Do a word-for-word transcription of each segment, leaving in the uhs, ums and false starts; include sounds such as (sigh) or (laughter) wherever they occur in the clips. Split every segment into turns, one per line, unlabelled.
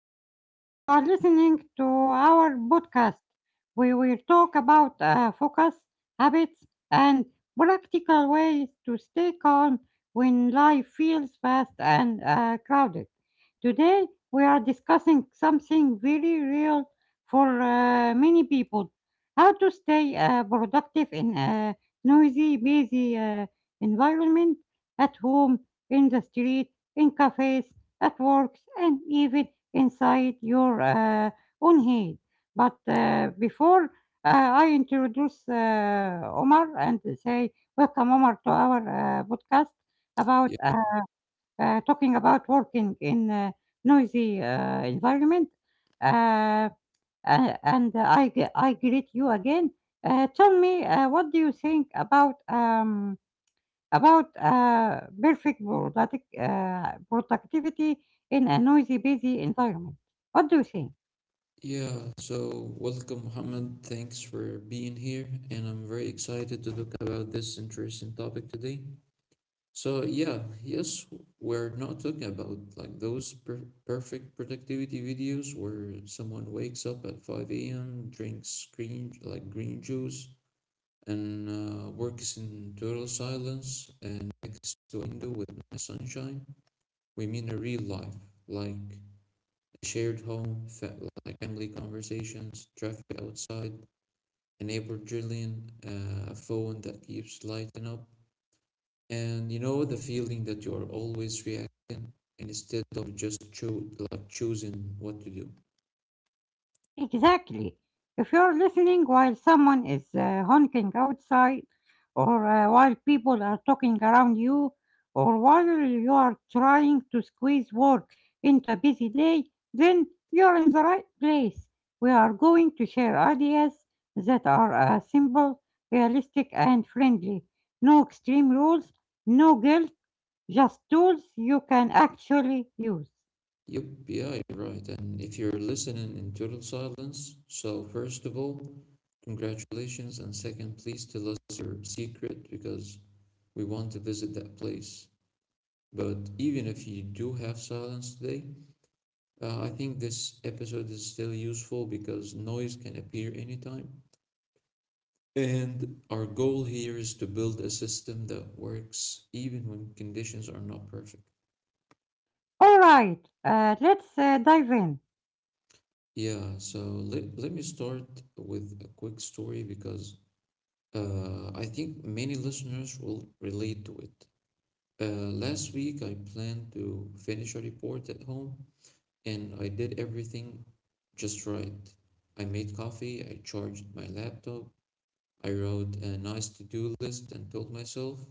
everyone. You are listening to our podcast. We will talk about uh, focus, habits, and practical ways to stay calm when life feels fast and uh, crowded. Today, we are discussing something very real for uh, many people: how to stay uh, productive in a noisy, busy uh, environment, at home, in the street, in cafes, at work, and even inside your uh, own head. But uh, before uh, I introduce uh, Omar and say, "Welcome, Omar, to our uh, podcast about
Yeah,
uh, uh, talking about working in a noisy uh, environment." Uh, uh, and I, g- I greet you again. Uh, tell me, uh, what do you think about? Um, about uh, perfect product, uh, productivity in a noisy, busy environment. What do you think?
yeah. So welcome, Muhammad. Thanks for being here, and I'm very excited to talk about this interesting topic today. So yeah, yes, we're not talking about like those per- perfect productivity videos where someone wakes up at five a m, drinks green like green juice, and uh, works in total silence and next to a window with nice sunshine. We mean a real life, like shared home, like family conversations, traffic outside, an adrenaline, uh, a phone that keeps lighting up, and you know the feeling that you are always reacting instead of just cho- like choosing what to do.
Exactly. If you're listening while someone is uh, honking outside, or uh, while people are talking around you, or while you are trying to squeeze work into a busy day, then you're in the right place. We are going to share ideas that are uh, simple, realistic, and friendly. No extreme rules, no guilt, just tools you can actually use.
Yep, yeah, you're right. And if you're listening in total silence, so first of all, congratulations, and second, please tell us your secret because we want to visit that place. But even if you do have silence today, Uh, I think this episode is still useful because noise can appear anytime. And our goal here is to build a system that works even when conditions are not perfect.
All right, uh, let's uh, dive in.
Yeah, so let, let me start with a quick story because uh, I think many listeners will relate to it. Uh, last week, I planned to finish a report at home and I did everything just right. I made coffee, I charged my laptop, I wrote a nice to-do list and told myself,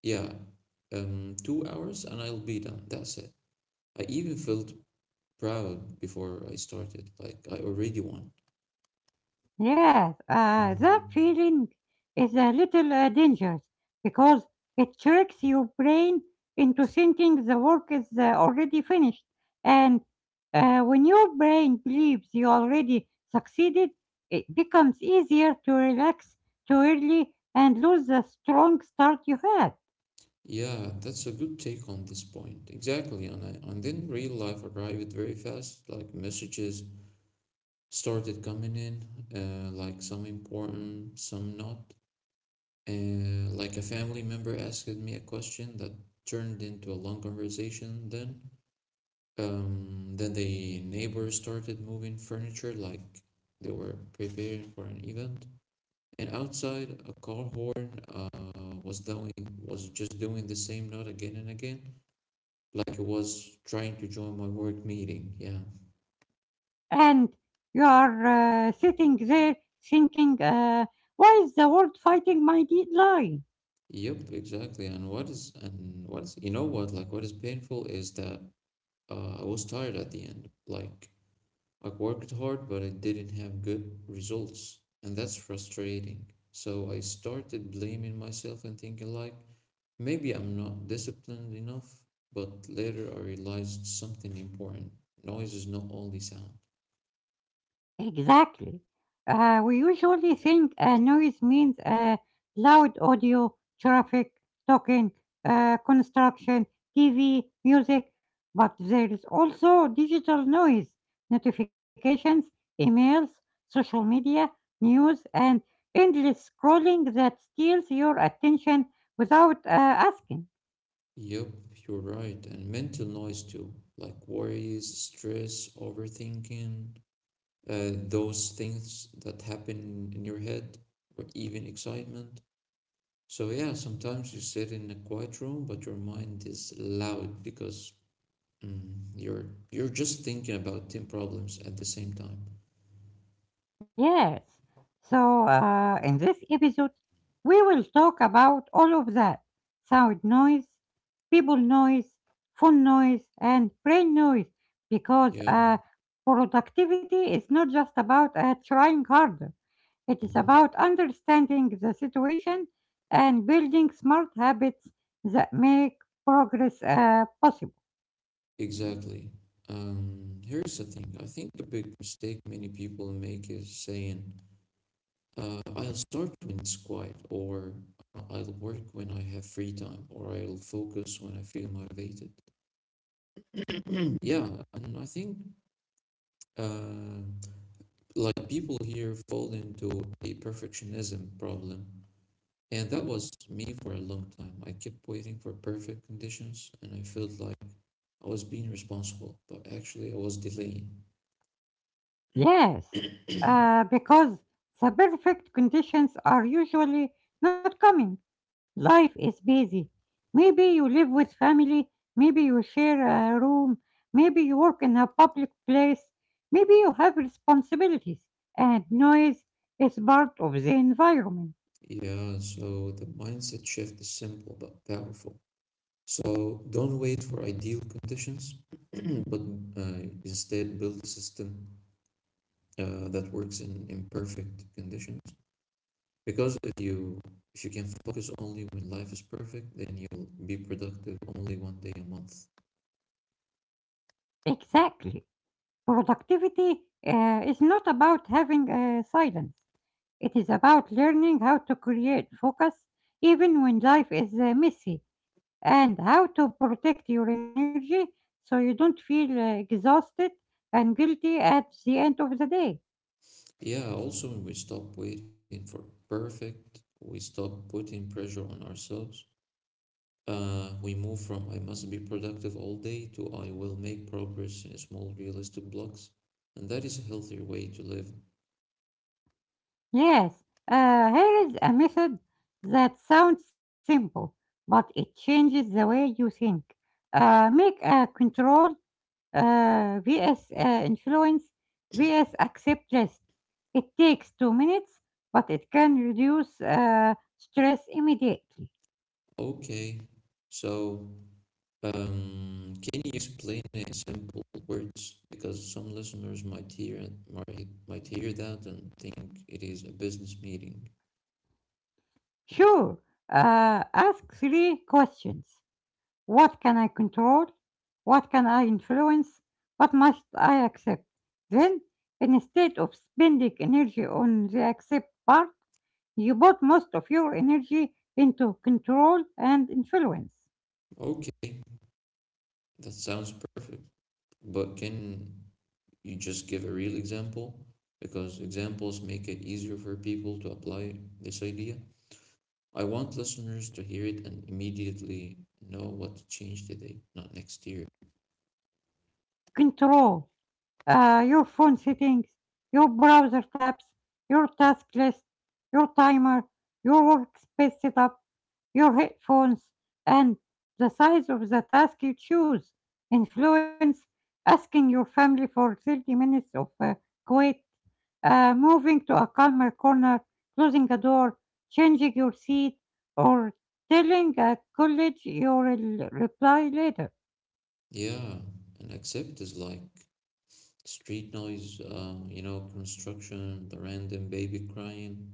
yeah, um, two hours and I'll be done. That's it. I even felt proud before I started, like I already won.
Yes, uh, that
Mhm.
feeling is a little uh, dangerous because it tricks your brain into thinking the work is uh, already finished. And uh, When your brain believes you already succeeded, it becomes easier to relax too early and lose the strong start you had.
Yeah, that's a good take on this point. Exactly, and I, and then real life arrived very fast. Like messages started coming in, uh, like some important, some not. Uh, like a family member asked me a question that turned into a long conversation then Um, then the neighbors started moving furniture like they were preparing for an event. And outside, a car horn uh, was doing was just doing the same note again and again, like it was trying to join my work meeting. Yeah.
And you are uh, sitting there thinking, uh, why is the world fighting my deadline?
Yep, exactly. And what is and what is you know what like what is painful is that uh, I was tired at the end. Like I worked hard, but I didn't have good results, and that's frustrating. So I started blaming myself and thinking, like, maybe I'm not disciplined enough. But later I realized something important: noise is not only sound.
Exactly. Uh, we usually think uh, noise means uh, loud audio, traffic, talking, uh, construction, T V, music, but there is also digital noise, notifications, emails, social media, news, and endless scrolling that steals your attention without uh, asking.
Yup, you're right, and mental noise too, like worries, stress, overthinking, uh, those things that happen in your head, or even excitement. So yeah, sometimes you sit in a quiet room, but your mind is loud because mm, you're you're just thinking about ten problems at the same time.
Yes. So, uh, in this episode, we will talk about all of that: sound noise, people noise, phone noise, and brain noise, because
Yeah,
uh, productivity is not just about uh, trying harder, it is
mhm,
about understanding the situation and building smart habits that make progress uh, possible.
exactly. Um, here's the thing. I think a big mistake many people make is saying, uh, "I'll start when it's quiet," or "Uh, "I'll work when I have free time," or "I'll focus when I feel motivated." (clears throat) Yeah, and I think. Uh, like people here fall into a perfectionism problem, and that was me for a long time. I kept waiting for perfect conditions and I felt like I was being responsible, but actually I was delaying.
Yes, uh, because the perfect conditions are usually not coming. Life is busy. Maybe you live with family, maybe you share a room, maybe you work in a public place, maybe you have responsibilities, and noise is part of the environment.
Yeah, so the mindset shift is simple but powerful. So don't wait for ideal conditions, (clears throat) but uh, instead build a system uh, that works in imperfect conditions, because if you if you can focus only when life is perfect, then you'll be productive only one day a month.
Exactly. Productivity uh, is not about having uh, silence. It is about learning how to create focus even when life is uh, messy, and how to protect your energy so you don't feel uh, exhausted and guilty at the end of the day.
Yeah, also when we stop waiting for perfect, we stop putting pressure on ourselves. Uh, we move from I must be productive all day to I will make progress in small realistic blocks, and that is a healthier way to live.
Yes, uh, here is a method that sounds simple, but it changes the way you think. Uh, make a controlled uh, vs uh, influence vs accept rest. It takes two minutes, but it can reduce uh, stress immediately.
Okay, so Um, can you explain it in simple words? Because some listeners might hear and might might hear that and think it is a business meeting. Yeah.
Sure, uh, ask three questions: What can I control? What can I influence? What must I accept? Then, instead of spending energy on the accept part, you put most of your energy into control and influence.
Okay, that sounds perfect. But can you just give a real example? Because examples make it easier for people to apply this idea. I want listeners to hear it and immediately know what to change today, not next year.
Control uh, your phone settings, your browser tabs, your task list, your timer, your workspace setup, your headphones, and the size of the task you choose. Influence: asking your family for thirty minutes of uh, quiet, uh, moving to a calmer corner, closing a door, changing your seat, or telling a college you'll reply later.
Yeah, and accept is like street noise, uh, you know, construction, the random baby crying,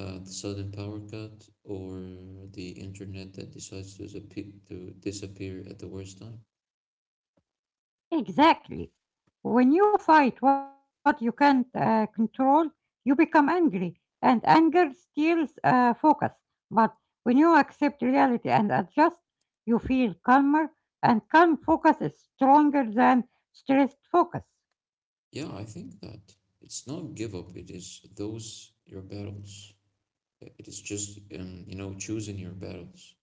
uh, the sudden power cut, or the internet that decides to, disappear to disappear at the worst time.
Exactly. When you fight what you can't uh, control, you become angry, and anger steals uh, focus. But when you accept reality and adjust, you feel calmer, and calm focus is stronger than stressed focus.
Yeah, I think that it's not give up, it is those your battles. It is just, um, you know, choosing your battles.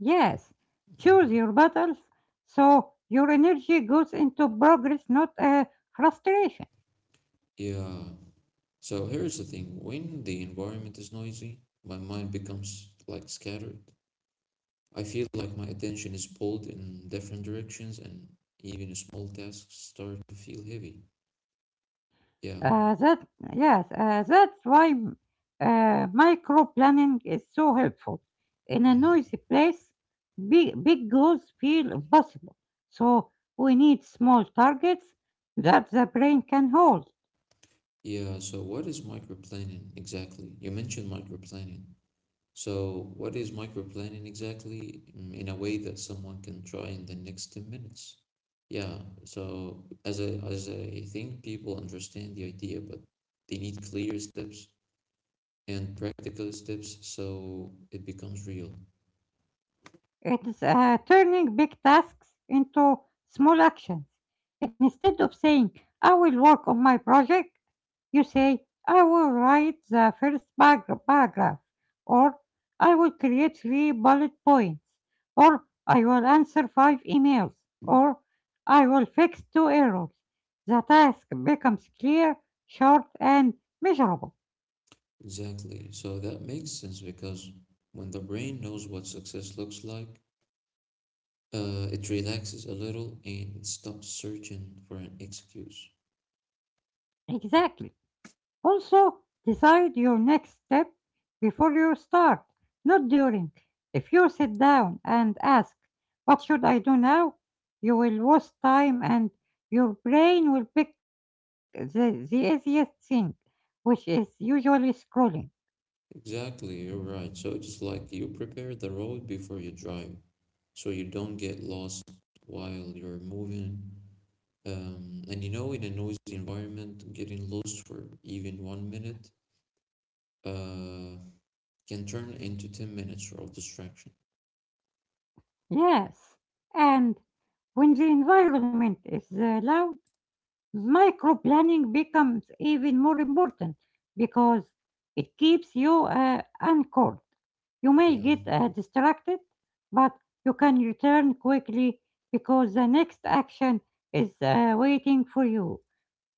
Yes, choose
Mhm.
your battles so your energy goes into progress, not uh, frustration.
Yeah. So here's the thing: when the environment is noisy, my mind becomes like scattered. I feel like my attention is pulled in different directions and even small tasks start to feel heavy. Yeah.
Uh, that yes, uh, that's why uh, micro planning is so helpful. In a
Mm.
noisy place, big big goals feel impossible. So we need small targets that the brain can hold.
Yeah, so what is microplanning exactly? You mentioned microplanning. So what is microplanning exactly mm, in a way that someone can try in the next ten minutes? Yeah, so as I as I think people understand the idea, but they need clear steps and practical steps so it becomes real.
It's uh, turning big tasks into small actions. Instead of saying, "I will work on my project," you say, "I will write the first parag- paragraph," or "I will create three bullet points," or "I will answer five emails," or "I will fix two errors." The task becomes clear, short, and measurable.
Exactly. So that makes sense because when the brain knows what success looks like, uh, it relaxes a little and it stops searching for an excuse.
Exactly. Also, decide your next step before you start, not during. If you sit down and ask, "What should I do now?" you will waste time and your brain will pick the, the easiest thing, which is usually scrolling.
Exactly, you're right. So it's like you prepare the road before you drive, so you don't get lost while you're moving. Um, and you know, in a noisy environment, getting lost for even one minute uh, can turn into ten minutes of distraction.
Yes, and when the environment is uh, loud, micro planning becomes even more important because it keeps you uh, anchored. You may
Yeah.
get uh, distracted, but you can return quickly because the next action is uh, waiting for you.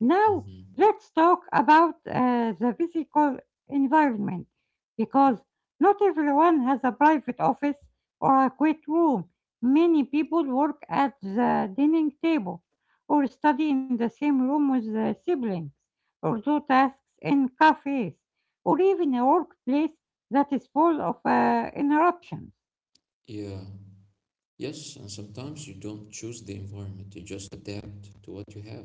Now,
Hmm.
let's talk about uh, the physical environment, because not everyone has a private office or a quiet room. Many people work at the dining table, or study in the same room with their siblings, or do tasks in cafes, or even a workplace that is full of uh, interruptions.
Yeah, yes, and sometimes you don't choose the environment, you just adapt to what you have.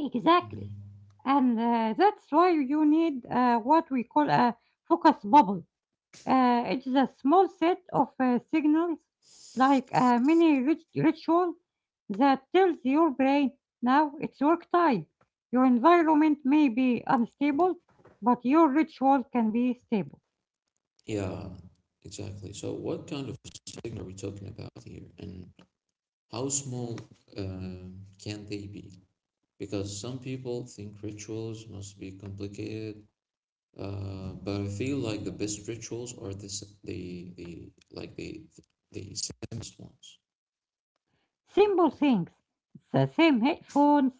Exactly.
Mhm.
And uh, that's why you need uh, what we call a focus bubble. Uh, it's a small set of uh, signals, like a mini rit- ritual, that tells your brain now it's work time. Your environment may be unstable, but your ritual can be stable.
Yeah, exactly. So, what kind of signal are we talking about here, and how small uh, can they be? Because some people think rituals must be complicated, uh, but I feel like the best rituals are the s- the, the like the the simplest ones.
Simple things. The same headphones,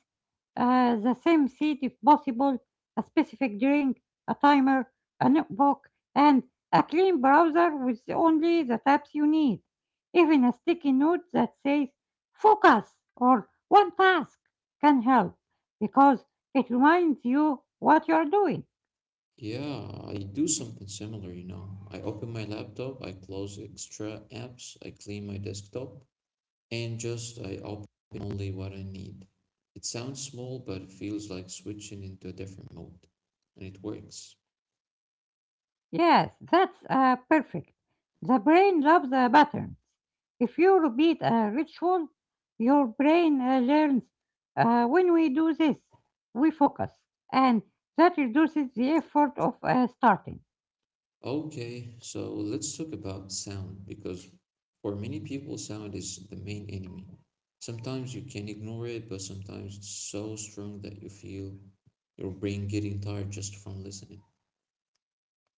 uh, the same seat if possible, a specific drink, a timer, a notebook, and a clean browser with only the tabs you need. Even a sticky note that says focus or one task can help, because it reminds you what you're doing.
Yeah, I do something similar, you know. I open my laptop, I close extra apps, I clean my desktop, and just I open only what I need. It sounds small, but it feels like switching into a different mode, and it works.
Yes, that's uh, perfect. The brain loves uh, patterns. If you repeat a ritual, your brain uh, learns, uh, when we do this, we focus, and that reduces the effort of uh, starting.
Okay, so let's talk about sound because for many people, sound is the main enemy. Sometimes you can ignore it, but sometimes it's so strong that you feel your brain getting tired just from listening.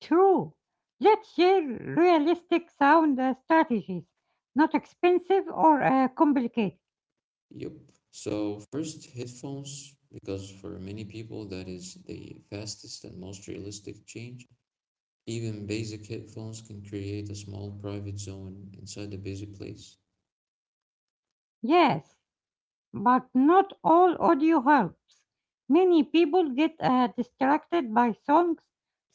True. Let's share realistic sound uh, strategies, not expensive or uh, complicated.
Yep. So first, headphones, because for many people that is the fastest and most realistic change. Even basic headphones can create a small private zone inside a busy place.
Yes, but not all audio helps. Many people get uh, distracted by songs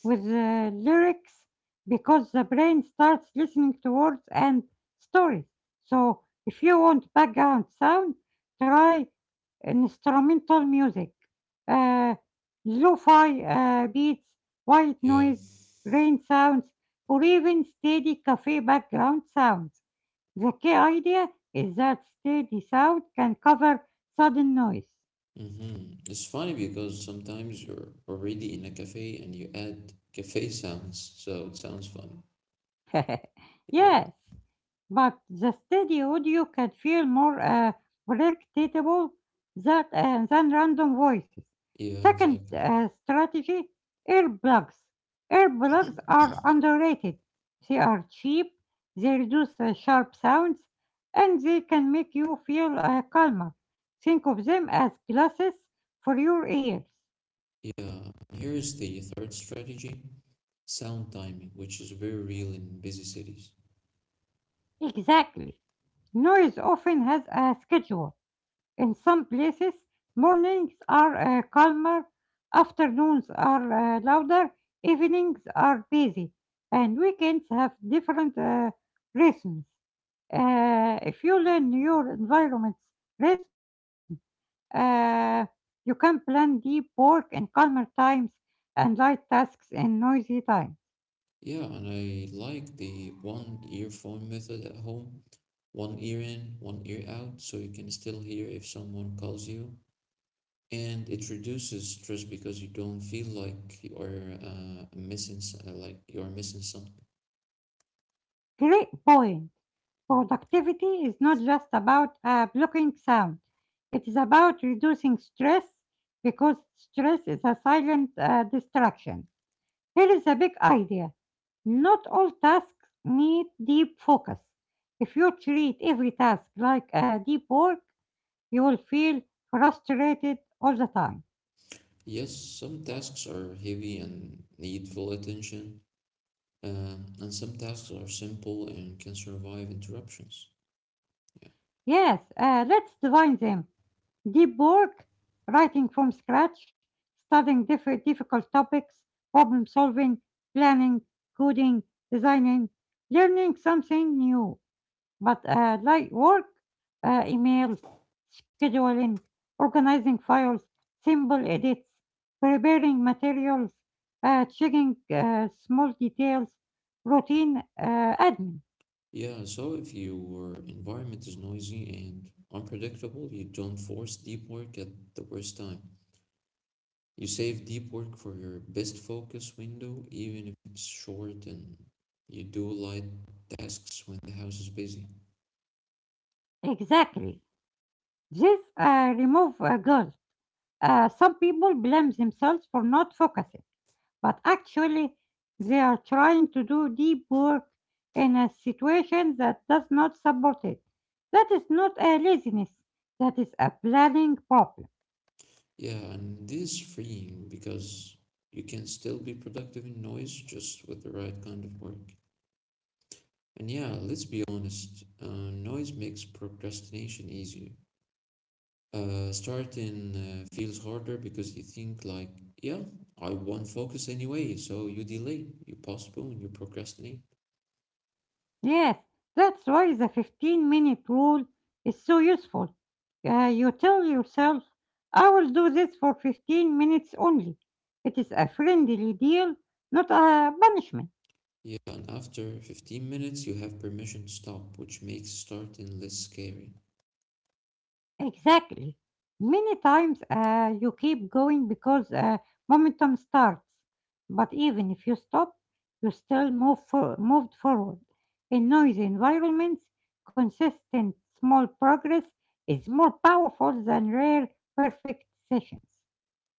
with uh, lyrics because the brain starts listening to words and stories. So, if you want background sound, try instrumental music, uh, lo-fi uh, beats, white
Yeah.
noise, rain sounds, or even steady cafe background sounds. The key idea is that steady sound can cover sudden noise.
Mm-hmm. It's funny because sometimes you're already in a cafe and you add cafe sounds, so it sounds fun.
(laughs)
Yeah.
Yes, but the steady audio can feel more uh, predictable that, uh, than random voices.
Yeah,
Second
exactly.
uh, strategy: earplugs. Earplugs are underrated. They are cheap, they reduce uh, sharp sounds, and they can make you feel uh, calmer. Think of them as glasses for your ears.
Yeah. Here is the third strategy, sound timing, which is very real in busy cities.
Exactly. Noise often has a schedule. In some places, mornings are uh, calmer, afternoons are uh, louder, evenings are busy, and weekends have different uh, rhythms. Uh, if you learn your environment's rhythm, uh, you can plan deep work in calmer times and light tasks in noisy times.
Yeah, and I like the one earphone method at home. One ear in, one ear out, so you can still hear if someone calls you. And it reduces stress because you don't feel like you are uh, missing, s- uh, like you are missing something.
Great point. Productivity is not just about uh, blocking sound, it is about reducing stress because stress is a silent uh, distraction. Here is a big idea: not all tasks need deep focus. If you treat every task like uh, deep work, you will feel frustrated all the time.
Yes, some tasks are heavy and need full attention, uh, and some tasks are simple and can survive interruptions.
Yes, uh, let's divide them. Deep work: writing from scratch, studying different difficult topics, problem solving, planning, coding, designing, learning something new. But uh, light work: uh, emails, scheduling, organizing files, simple edits, preparing materials, uh, checking uh, small details, routine uh, admin.
Yeah, so if your environment is noisy and unpredictable, you don't force deep work at the worst time. You save deep work for your best focus window, even if it's short, and you do light tasks when the house is busy.
Exactly. This uh, remove a goal. Uh, some people blame themselves for not focusing, but actually, they are trying to do deep work in a situation that does not support it. That is not a laziness, that is a planning problem.
Yeah, and this is freeing because you can still be productive in noise just with the right kind of work. And yeah, let's be honest, uh, noise makes procrastination easier. Uh, starting uh, feels harder because you think, like, yeah, I won't focus anyway, so you delay, you postpone, you procrastinate.
Yes, that's why the fifteen minute rule is so useful. Uh, you tell yourself, I will do this for fifteen minutes only. It is a friendly deal, not a punishment.
Yeah, and after fifteen minutes, you have permission to stop, which makes starting less scary.
Exactly. Many times uh, you keep going because uh, momentum starts. But even if you stop, you still move for- moved forward. In noisy environments, consistent small progress is more powerful than rare perfect sessions.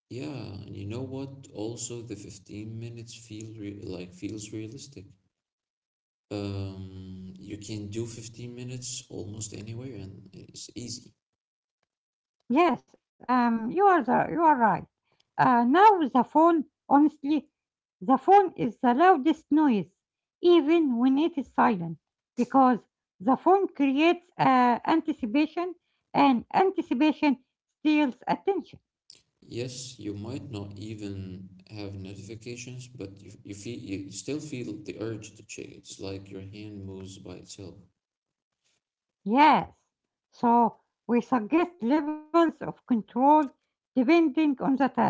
Yeah, and you know what? Also, the fifteen minutes feel re- like feels realistic. Um, you can do fifteen minutes almost anywhere, and it's easy.
Yes, um, you are the, you are right. Uh, now the phone, honestly, the phone is the loudest noise, even when it is silent, because the phone creates uh, anticipation, and anticipation steals attention.
Yes, you might not even have notifications, but you you feel you you still feel the urge to check. It's like your hand moves by itself.
Yes. So we suggest levels of control depending on the task.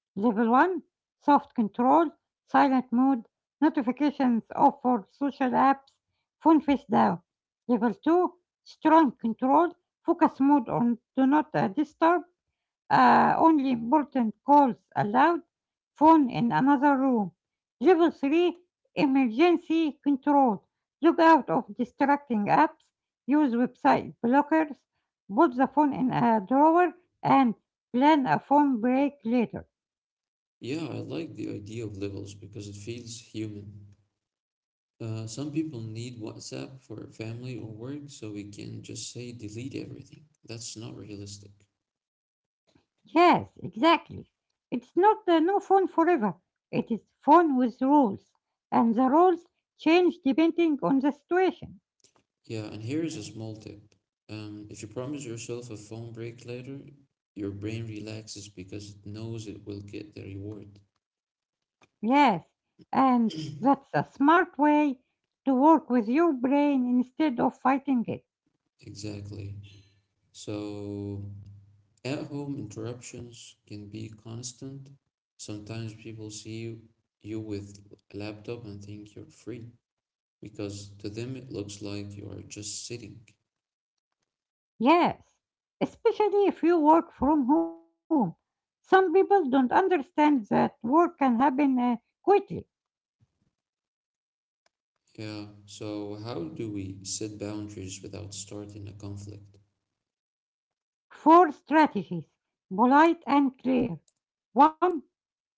Level one: soft control, silent mode, notifications off for social apps, phone face down. Level two: strong control, focus mode on do not uh, disturb, uh, only important calls allowed, phone in another room. Level three: emergency control. Look out of distracting apps, use website blockers, put the phone in a drawer, and plan a phone break later.
Yeah, I like the idea of levels because it feels human. Uh, some people need WhatsApp for family or work, so we can just say delete everything. That's not realistic.
Yes, exactly. It's not the no phone forever. It is phone with rules, and the rules change depending on the situation.
Yeah, and here is a small tip. Um, if you promise yourself a phone break later, your brain relaxes because it knows it will get the reward.
Yes, and that's a smart way to work with your brain instead of fighting it.
Exactly. So, at home interruptions can be constant. Sometimes people see you, you with a laptop and think you're free because to them it looks like you are just sitting.
Yes, especially if you work from home. Some people don't understand that work can happen uh, quickly.
Yeah, so how do we set boundaries without starting a conflict?
Four strategies, polite and clear. One,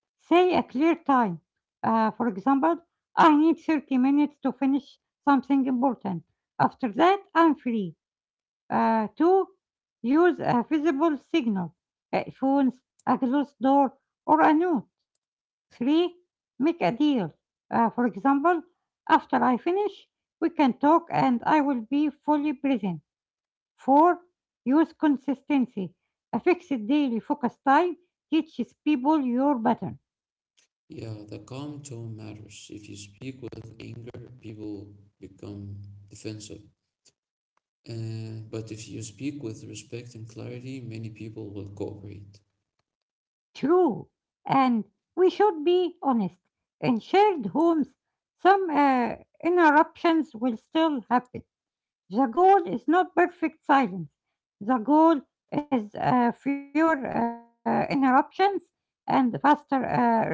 say a clear time. Uh, for example, I need thirty minutes to finish something important. After that, I'm free. Uh, two. Use a visible signal, a phones, a closed door, or a note. three. Make a deal. Uh, for example, after I finish, we can talk and I will be fully present. four. Use consistency. A fixed daily focus time teaches people your pattern.
Yeah, the calm tone matters. If you speak with anger, people become defensive. Uh, but if you speak with respect and clarity, many people will cooperate.
True. And we should be honest. In shared homes, some uh, interruptions will still happen. The goal is not perfect silence. The goal is uh, fewer uh, interruptions and faster uh, recovery.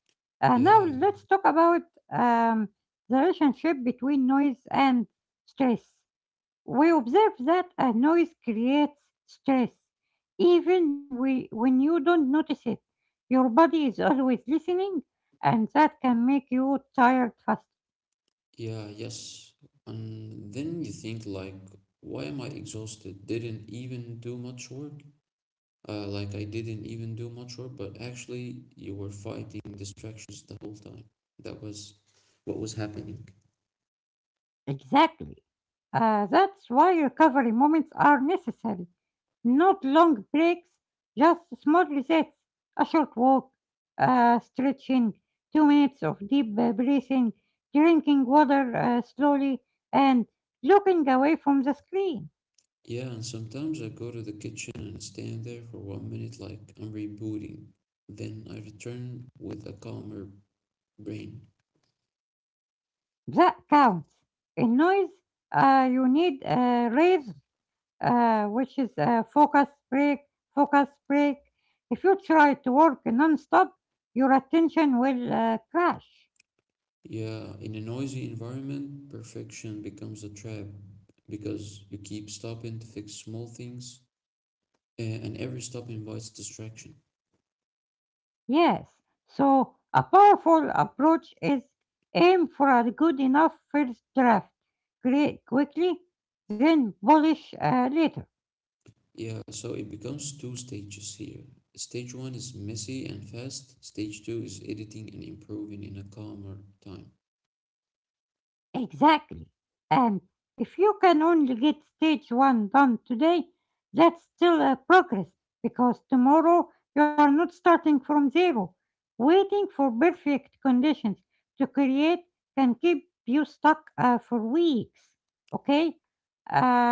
Uh, now let's
Yeah,
talk about um, the relationship between noise and stress. We observe that uh, noise creates stress, even we, when you don't notice it. Your body is always listening, and that can make you tired fast.
yeah, yes. And then you think like, why am I exhausted? Didn't even do much work? Uh, like I didn't even do much work, but actually you were fighting distractions the whole time. That was what was happening.
Exactly. Uh, that's why recovery moments are necessary. Not long breaks, just small resets. A short walk, uh, stretching, two minutes of deep uh, breathing, drinking water uh, slowly, and looking away from the screen.
Yeah, and sometimes I go to the kitchen and stand there for one minute like I'm rebooting. Then I return with a calmer brain.
That counts. In noise, uh, you need uh, raise uh, which is a focus break, focus break. If you try to work non-stop, your attention will uh, crash.
Yeah, in a noisy environment, perfection becomes a trap because you keep stopping to fix small things, a- and every stop invites distraction.
Yes. So a powerful approach is aim for a good enough first draft. Create quickly, then polish uh, later.
Yeah, so it becomes two stages here. Stage one is messy and fast. Stage two is editing and improving in a calmer time.
Exactly. And if you can only get stage one done today, that's still a progress because tomorrow you are not starting from zero. Waiting for perfect conditions to create can keep you stuck uh, for weeks. Okay?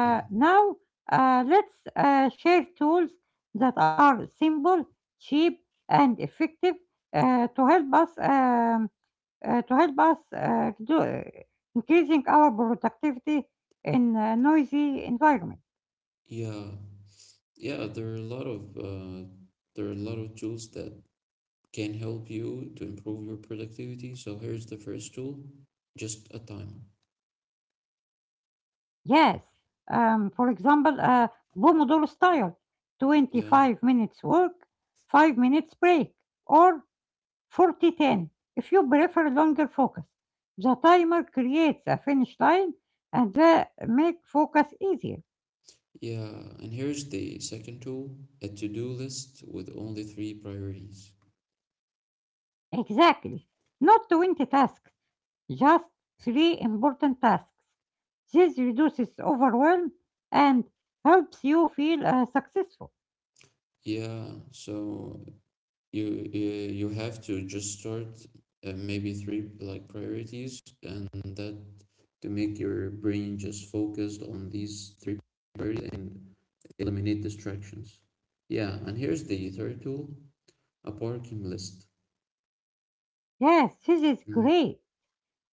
Yeah.
now, uh, let's uh, share tools that are simple, cheap, and effective uh, to help us um, uh, to help us uh, do, uh, increasing our productivity in a noisy environment.
Yeah. Yeah, there are a lot of uh, there are a lot of tools that can help you to improve your productivity. So here's the first tool, just a timer.
Yes, um, for example, uh, Pomodoro style,
Yeah.
twenty-five minutes work, five minutes break, or forty ten if you prefer longer focus. The timer creates a finish line and that make focus easier.
Yeah, and here's the second tool, a to-do list with only three priorities.
Exactly. Not twenty tasks, just three important tasks. This reduces overwhelm and helps you feel uh, successful.
Yeah, so you you you have to just start uh, maybe three like priorities and that to make your brain just focused on these three priorities and eliminate distractions. Yeah, and here's the third tool, a parking list.
Yes, this is
Mhm.
great.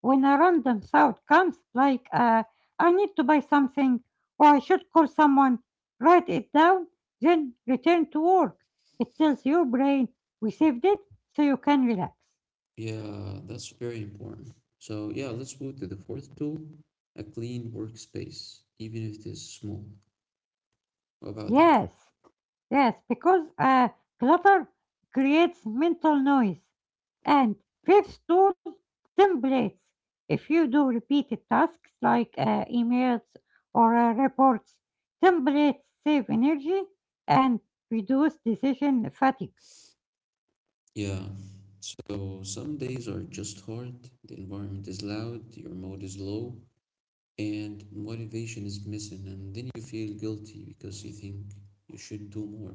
When a random thought comes, like uh, I need to buy something or I should call someone, write it down, then return to work. It tells your brain we saved it so you can relax.
Yeah, that's very important. So yeah, let's move to the fourth tool, a clean workspace, even if it is small. What about that?
Yes, yes, because uh, clutter creates mental noise. And fifth tool, templates. If you do repeated tasks like uh, emails or uh, reports, templates save energy and reduce decision fatigue.
Yeah. So some days are just hard, the environment is loud, your mood is low, and motivation is missing, and then you feel guilty because you think you should do more.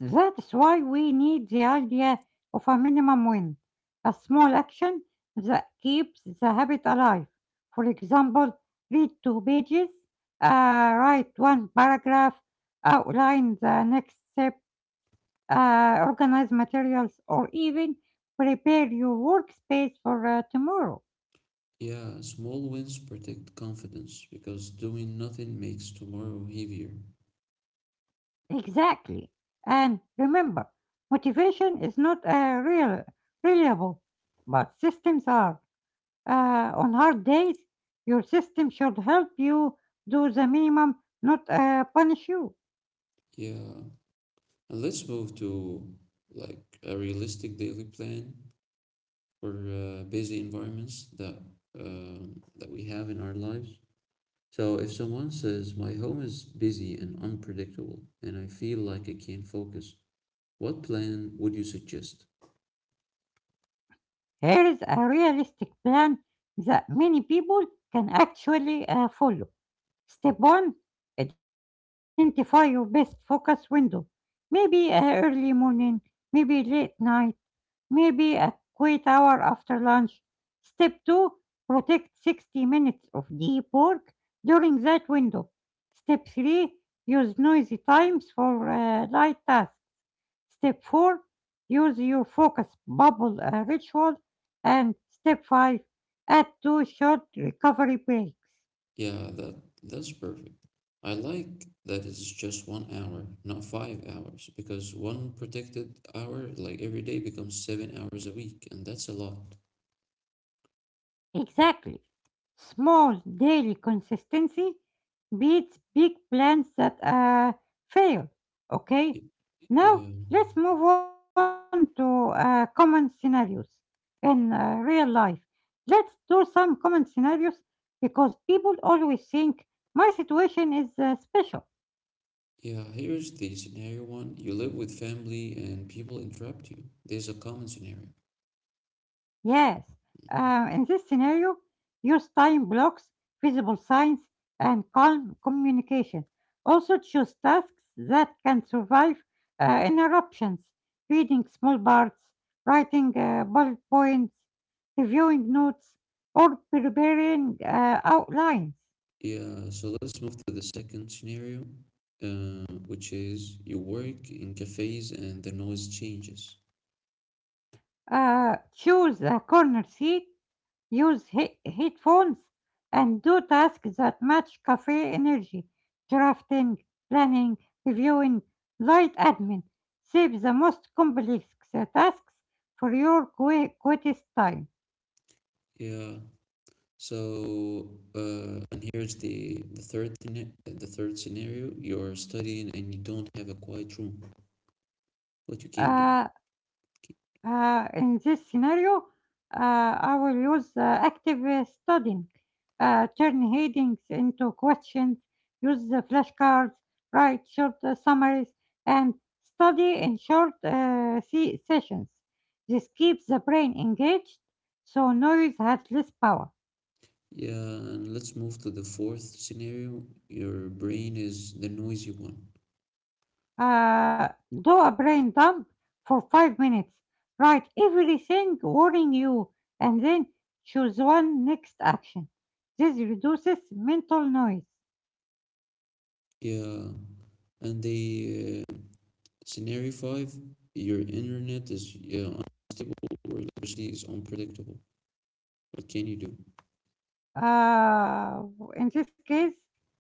That's why we need the idea of a minimum win, a small action that keeps the habit alive. For example, read two pages, uh, write one paragraph, outline the next step, uh, organize materials, or even prepare your workspace for uh, tomorrow.
Yeah, small wins protect confidence because doing nothing makes tomorrow heavier.
Exactly. And remember, motivation is not uh, real, reliable, but systems are. Uh, on hard days, your system should help you do the minimum, not uh, punish you.
Yeah, and let's move to like a realistic daily plan for uh, busy environments that um, that we have in our lives. So if someone says, My home is busy and unpredictable, and I feel like I can't focus, what plan would you suggest?
Here is a realistic plan that many people can actually uh, follow. Step one: identify your best focus window. Maybe a early morning, maybe late night, maybe a quiet hour after lunch. Step two: protect sixty minutes of deep work during that window. Step three: use noisy times for uh, light tasks. Step four: use your focus bubble uh, ritual. And step five: add two short recovery breaks.
Yeah, that that's perfect. I like that it's just one hour, not five hours, because one protected hour, like every day, becomes seven hours a week, and that's a lot.
Exactly. Small daily consistency beats big plans that uh, fail. Okay?
Y-
Now,
Yeah.
let's move on to uh, common scenarios in uh, real life. Let's do some common scenarios because people always think my situation is uh, special.
Yeah, here's the scenario one. You live with family and people interrupt you. There's a common scenario.
Yes, uh, in this scenario, use time blocks, visible signs, and calm communication. Also, choose tasks that can survive uh, interruptions, reading small parts, writing uh, bullet points, reviewing notes, or preparing uh, outlines.
Yeah, so let's move to the second scenario, uh, which is you work in cafes and the noise changes.
Uh, choose a corner seat, use he- headphones and do tasks that match cafe energy. Drafting, planning, reviewing, light admin. Save the most complex tasks for your qui- quietest time.
Yeah, so uh, and here's the the third thing- the third scenario, you're studying and you don't have a quiet room. What you can do?
Uh, Uh, in this scenario, uh, I will use uh, active uh, studying, uh, turn headings into questions, use the flashcards, write short uh, summaries, and study in short uh, se- sessions. This keeps the brain engaged, so noise has less power.
Yeah, and let's move to the fourth scenario. Your brain is the noisy one.
uh, do a brain dump for five minutes. Write everything worrying you and then choose one next action. This reduces mental noise.
Yeah, and the uh, scenario five, your internet is yeah, unstable or electricity is unpredictable. What can you do?
Uh, in this case,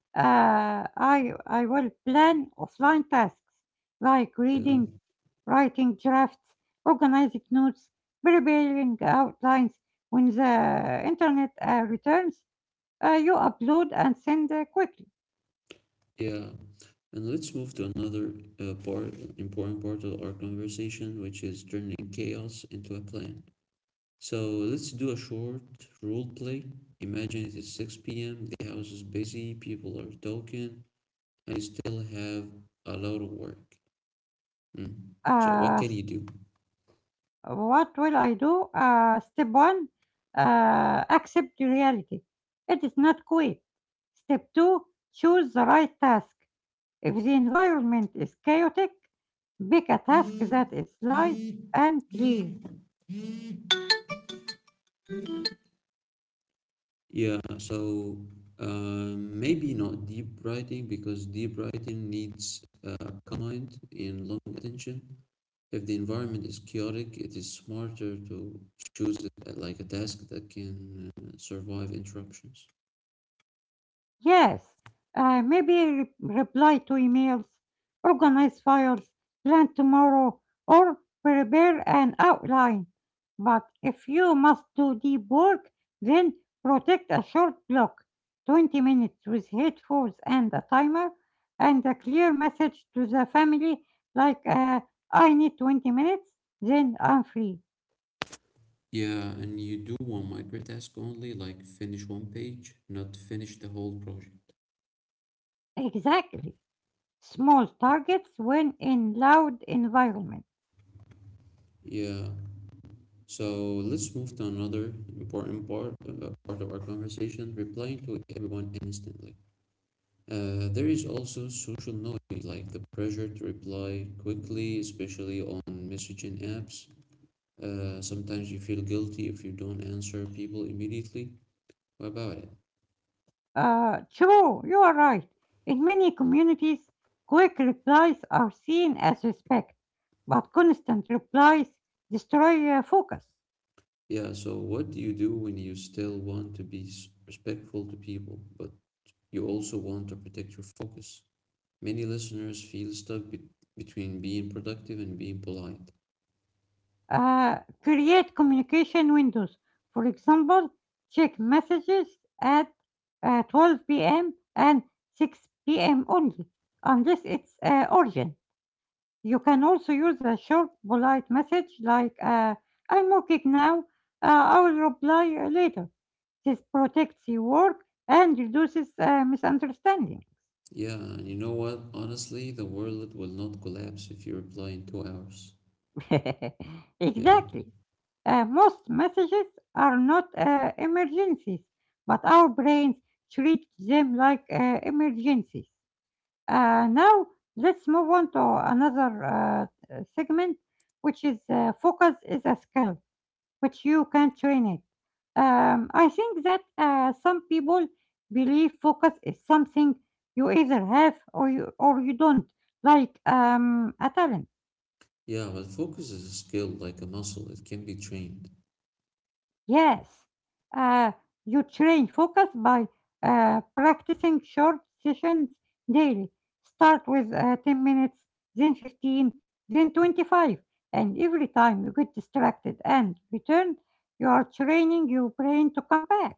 uh, I, I will plan offline tasks like
Yeah,
reading, writing drafts, organizing notes, preparing outlines. When the internet uh, returns, uh, you upload and send uh, quickly.
yeah. And let's move to another uh, part, important part of our conversation, which is turning chaos into a plan. So let's do a short role play. Imagine it is six p m, the house is busy, people are talking, and you still have a lot of work. Mm. So what
Uh,
can you do?
What will I do? Uh, step one, uh, accept the reality. It is not quit. Step two, choose the right task. If the environment is chaotic, pick a task that is light and clear.
Yeah, so um, maybe not deep writing because deep writing needs uh, command and long attention. If the environment is chaotic, it is smarter to choose a- like a task that can uh, survive interruptions.
Yes, uh, maybe re- reply to emails, organize files, plan tomorrow, or prepare an outline. But if you must do deep work, then protect a short block, twenty minutes with headphones and a timer, and a clear message to the family like, uh, I need twenty minutes, then I'm free.
Yeah, and you do one micro task only, like finish one page, not finish the whole project.
Exactly. Small targets when in loud environment.
Yeah, so let's move to another important part uh, part of our conversation, replying to everyone instantly. Uh, there is also social noise, like the pressure to reply quickly, especially on messaging apps. Uh, sometimes you feel guilty if you don't answer people immediately. What about it?
Uh, true, you are right. In many communities, quick replies are seen as respect, but constant replies destroy uh, focus.
Yeah, so what do you do when you still want to be s- respectful to people, but you also want to protect your focus? Many listeners feel stuck be- between being productive and being polite.
Uh, create communication windows. For example, check messages at uh, twelve p m and six p m only, unless it's uh, urgent. You can also use a short, polite message like, uh, I'm working now, uh, I will reply uh, later. This protects your work and reduces uh, misunderstanding.
Yeah, and you know what? Honestly, the world will not collapse if you reply in two hours.
(laughs)
Yeah.
Exactly. Uh, most messages are not uh, emergencies, but our brains treat them like uh, emergencies. Uh, now, let's move on to another uh, segment, which is uh, focus is a skill, which you can train it. Um, I think that uh, some people believe focus is something you either have or you or you don't, like um, a talent.
Yeah, but focus is a skill like a muscle, it can be trained.
Yes, uh, you train focus by uh, practicing short sessions daily. Start with uh, ten minutes, then fifteen, then twenty-five, and every time you get distracted and return, you are training your brain to come back.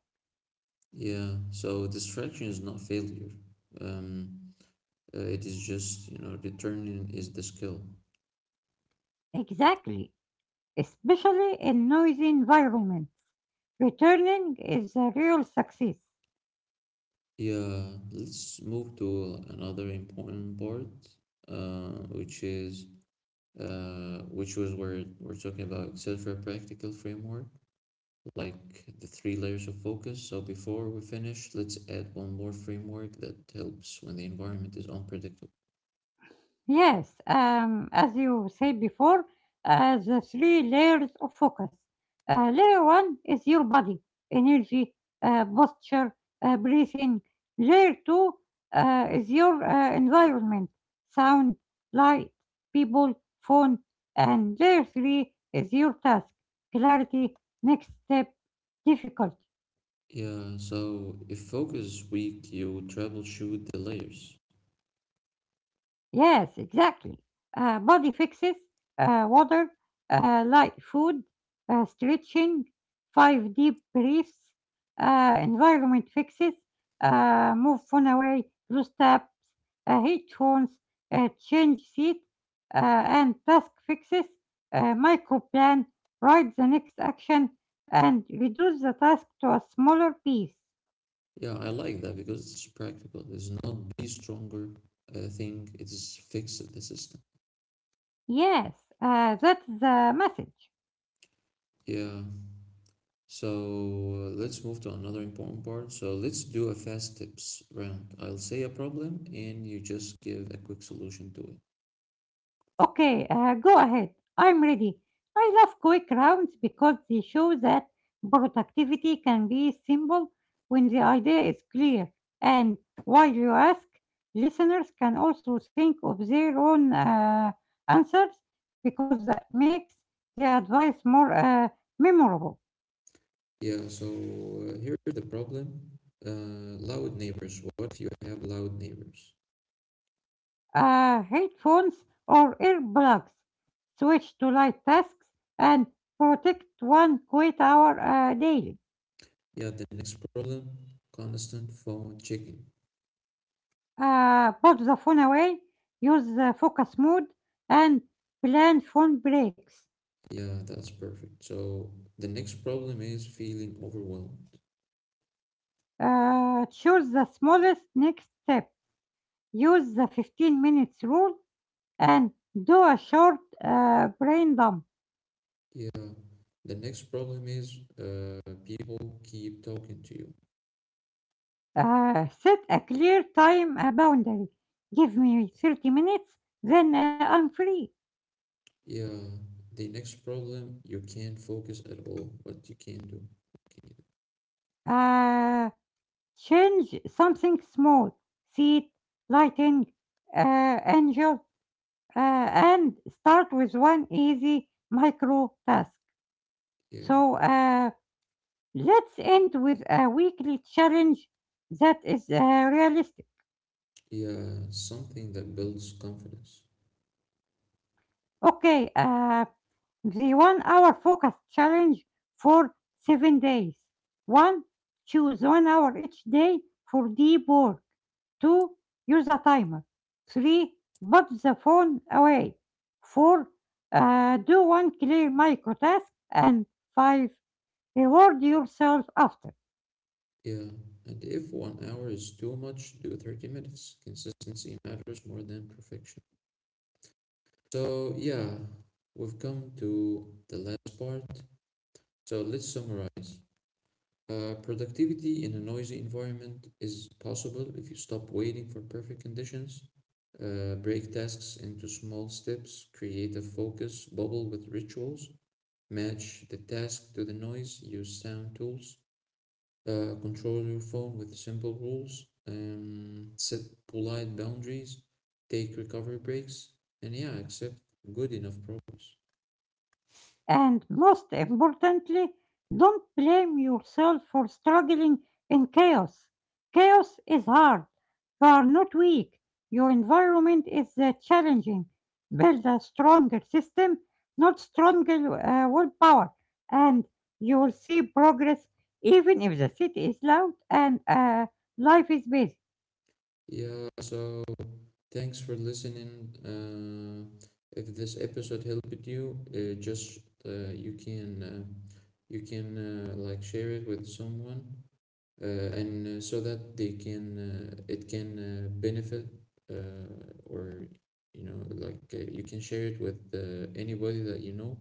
Yeah, so distraction is not failure. Um, Uh, it is just, you know, returning is the skill.
Exactly, especially in noisy environments. Returning is a real success.
Yeah, let's move to another important part, uh, which is uh, which was where we're talking about Excel practical framework, like the three layers of focus. So before we finish, let's add one more framework that helps when the environment is unpredictable.
Yes, um, as you said before, uh, the three layers of focus. Uh, layer one is your body, energy, uh, posture, uh, breathing. Layer two uh, is your uh, environment, sound, light, people, phone. And layer three is your task, clarity, next step, difficult.
Yeah, so if focus is weak, you troubleshoot the layers.
Yes, exactly. Uh, body fixes, uh, water, uh, light food, uh, stretching, five deep breaths, uh, environment fixes, uh, move phone away, close tabs, uh, headphones, uh, change seat, uh, and task fixes, uh, micro plan, write the next action, and reduce the task to a smaller piece.
Yeah, I like that because it's practical. It's not be stronger uh, thing. It is fix the system.
Yes, uh, that's the message.
Yeah. So uh, let's move to another important part. So let's do a fast tips round. I'll say a problem and you just give a quick solution to it.
Okay, uh, go ahead. I'm ready. I love quick rounds because they show that productivity can be simple when the idea is clear. And while you ask, listeners can also think of their own uh, answers because that makes the advice more uh, memorable.
Yeah. So uh, here's the problem. Uh, loud neighbors. What if you have loud neighbors?
Uh, headphones or earplugs. Switch to light tasks and protect one quiet hour uh, daily.
Yeah. The next problem. Constant phone checking.
Uh, put the phone away, use the focus mode, and plan phone breaks.
Yeah, that's perfect. So the next problem is feeling overwhelmed.
Uh, choose the smallest next step. Use the fifteen minutes rule and do a short uh, brain dump.
Yeah. The next problem is uh, people keep talking to you.
Uh, set a clear time uh, boundary. Give me thirty minutes, then uh, I'm free.
Yeah. The next problem, you can't focus at all. What you can do. Okay.
Uh, change something small. Seat, lighting, uh, angel, uh, and start with one easy micro task.
Yeah.
So uh, let's end with a weekly challenge that is uh, realistic.
Yeah. Something that builds confidence.
Okay, uh, the one hour focus challenge for seven days. One, choose one hour each day for deep work. Two, use a timer. Three, put the phone away. Four, uh, do one clear micro task. And five, reward yourself after.
Yeah. And if one hour is too much, do thirty minutes. Consistency matters more than perfection. So, yeah, we've come to the last part. So, let's summarize. Uh, productivity in a noisy environment is possible if you stop waiting for perfect conditions, uh, break tasks into small steps, create a focus bubble with rituals, match the task to the noise, use sound tools, uh, control your phone with simple rules, um, set polite boundaries, take recovery breaks, and yeah, accept good enough progress.
And most importantly, don't blame yourself for struggling in chaos. Chaos is hard. You are not weak. Your environment is uh, challenging. Build a stronger system, not stronger uh, willpower. And you will see progress even if the city is loud and uh, life is busy.
Yeah, so thanks for listening. Uh, if this episode helped you, uh, just uh, you can uh, you can uh, like share it with someone, uh, and uh, so that they can uh, it can uh, benefit uh, or you know like uh, you can share it with uh, anybody that you know.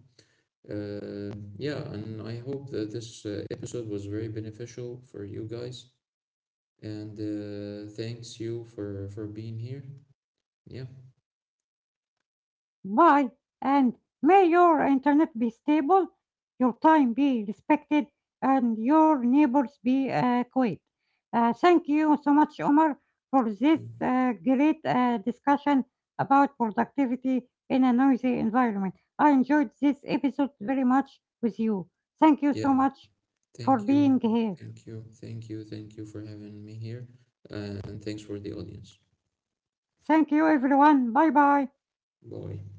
Uh, yeah, and I hope that this uh, episode was very beneficial for you guys. And uh, thanks you for for being here. Yeah,
Bye, and may your internet be stable, your time be respected, and your neighbors be uh, quiet. Uh, thank you so much, Omar, for
yeah,
this uh, great uh, discussion about productivity in a noisy environment. I enjoyed this episode very much with you. Thank you
yeah.
so much for
Thank you,
being here.
thank you, thank you, thank you for having me here, and thanks for the audience.
Thank you, everyone. Bye bye.
Bye.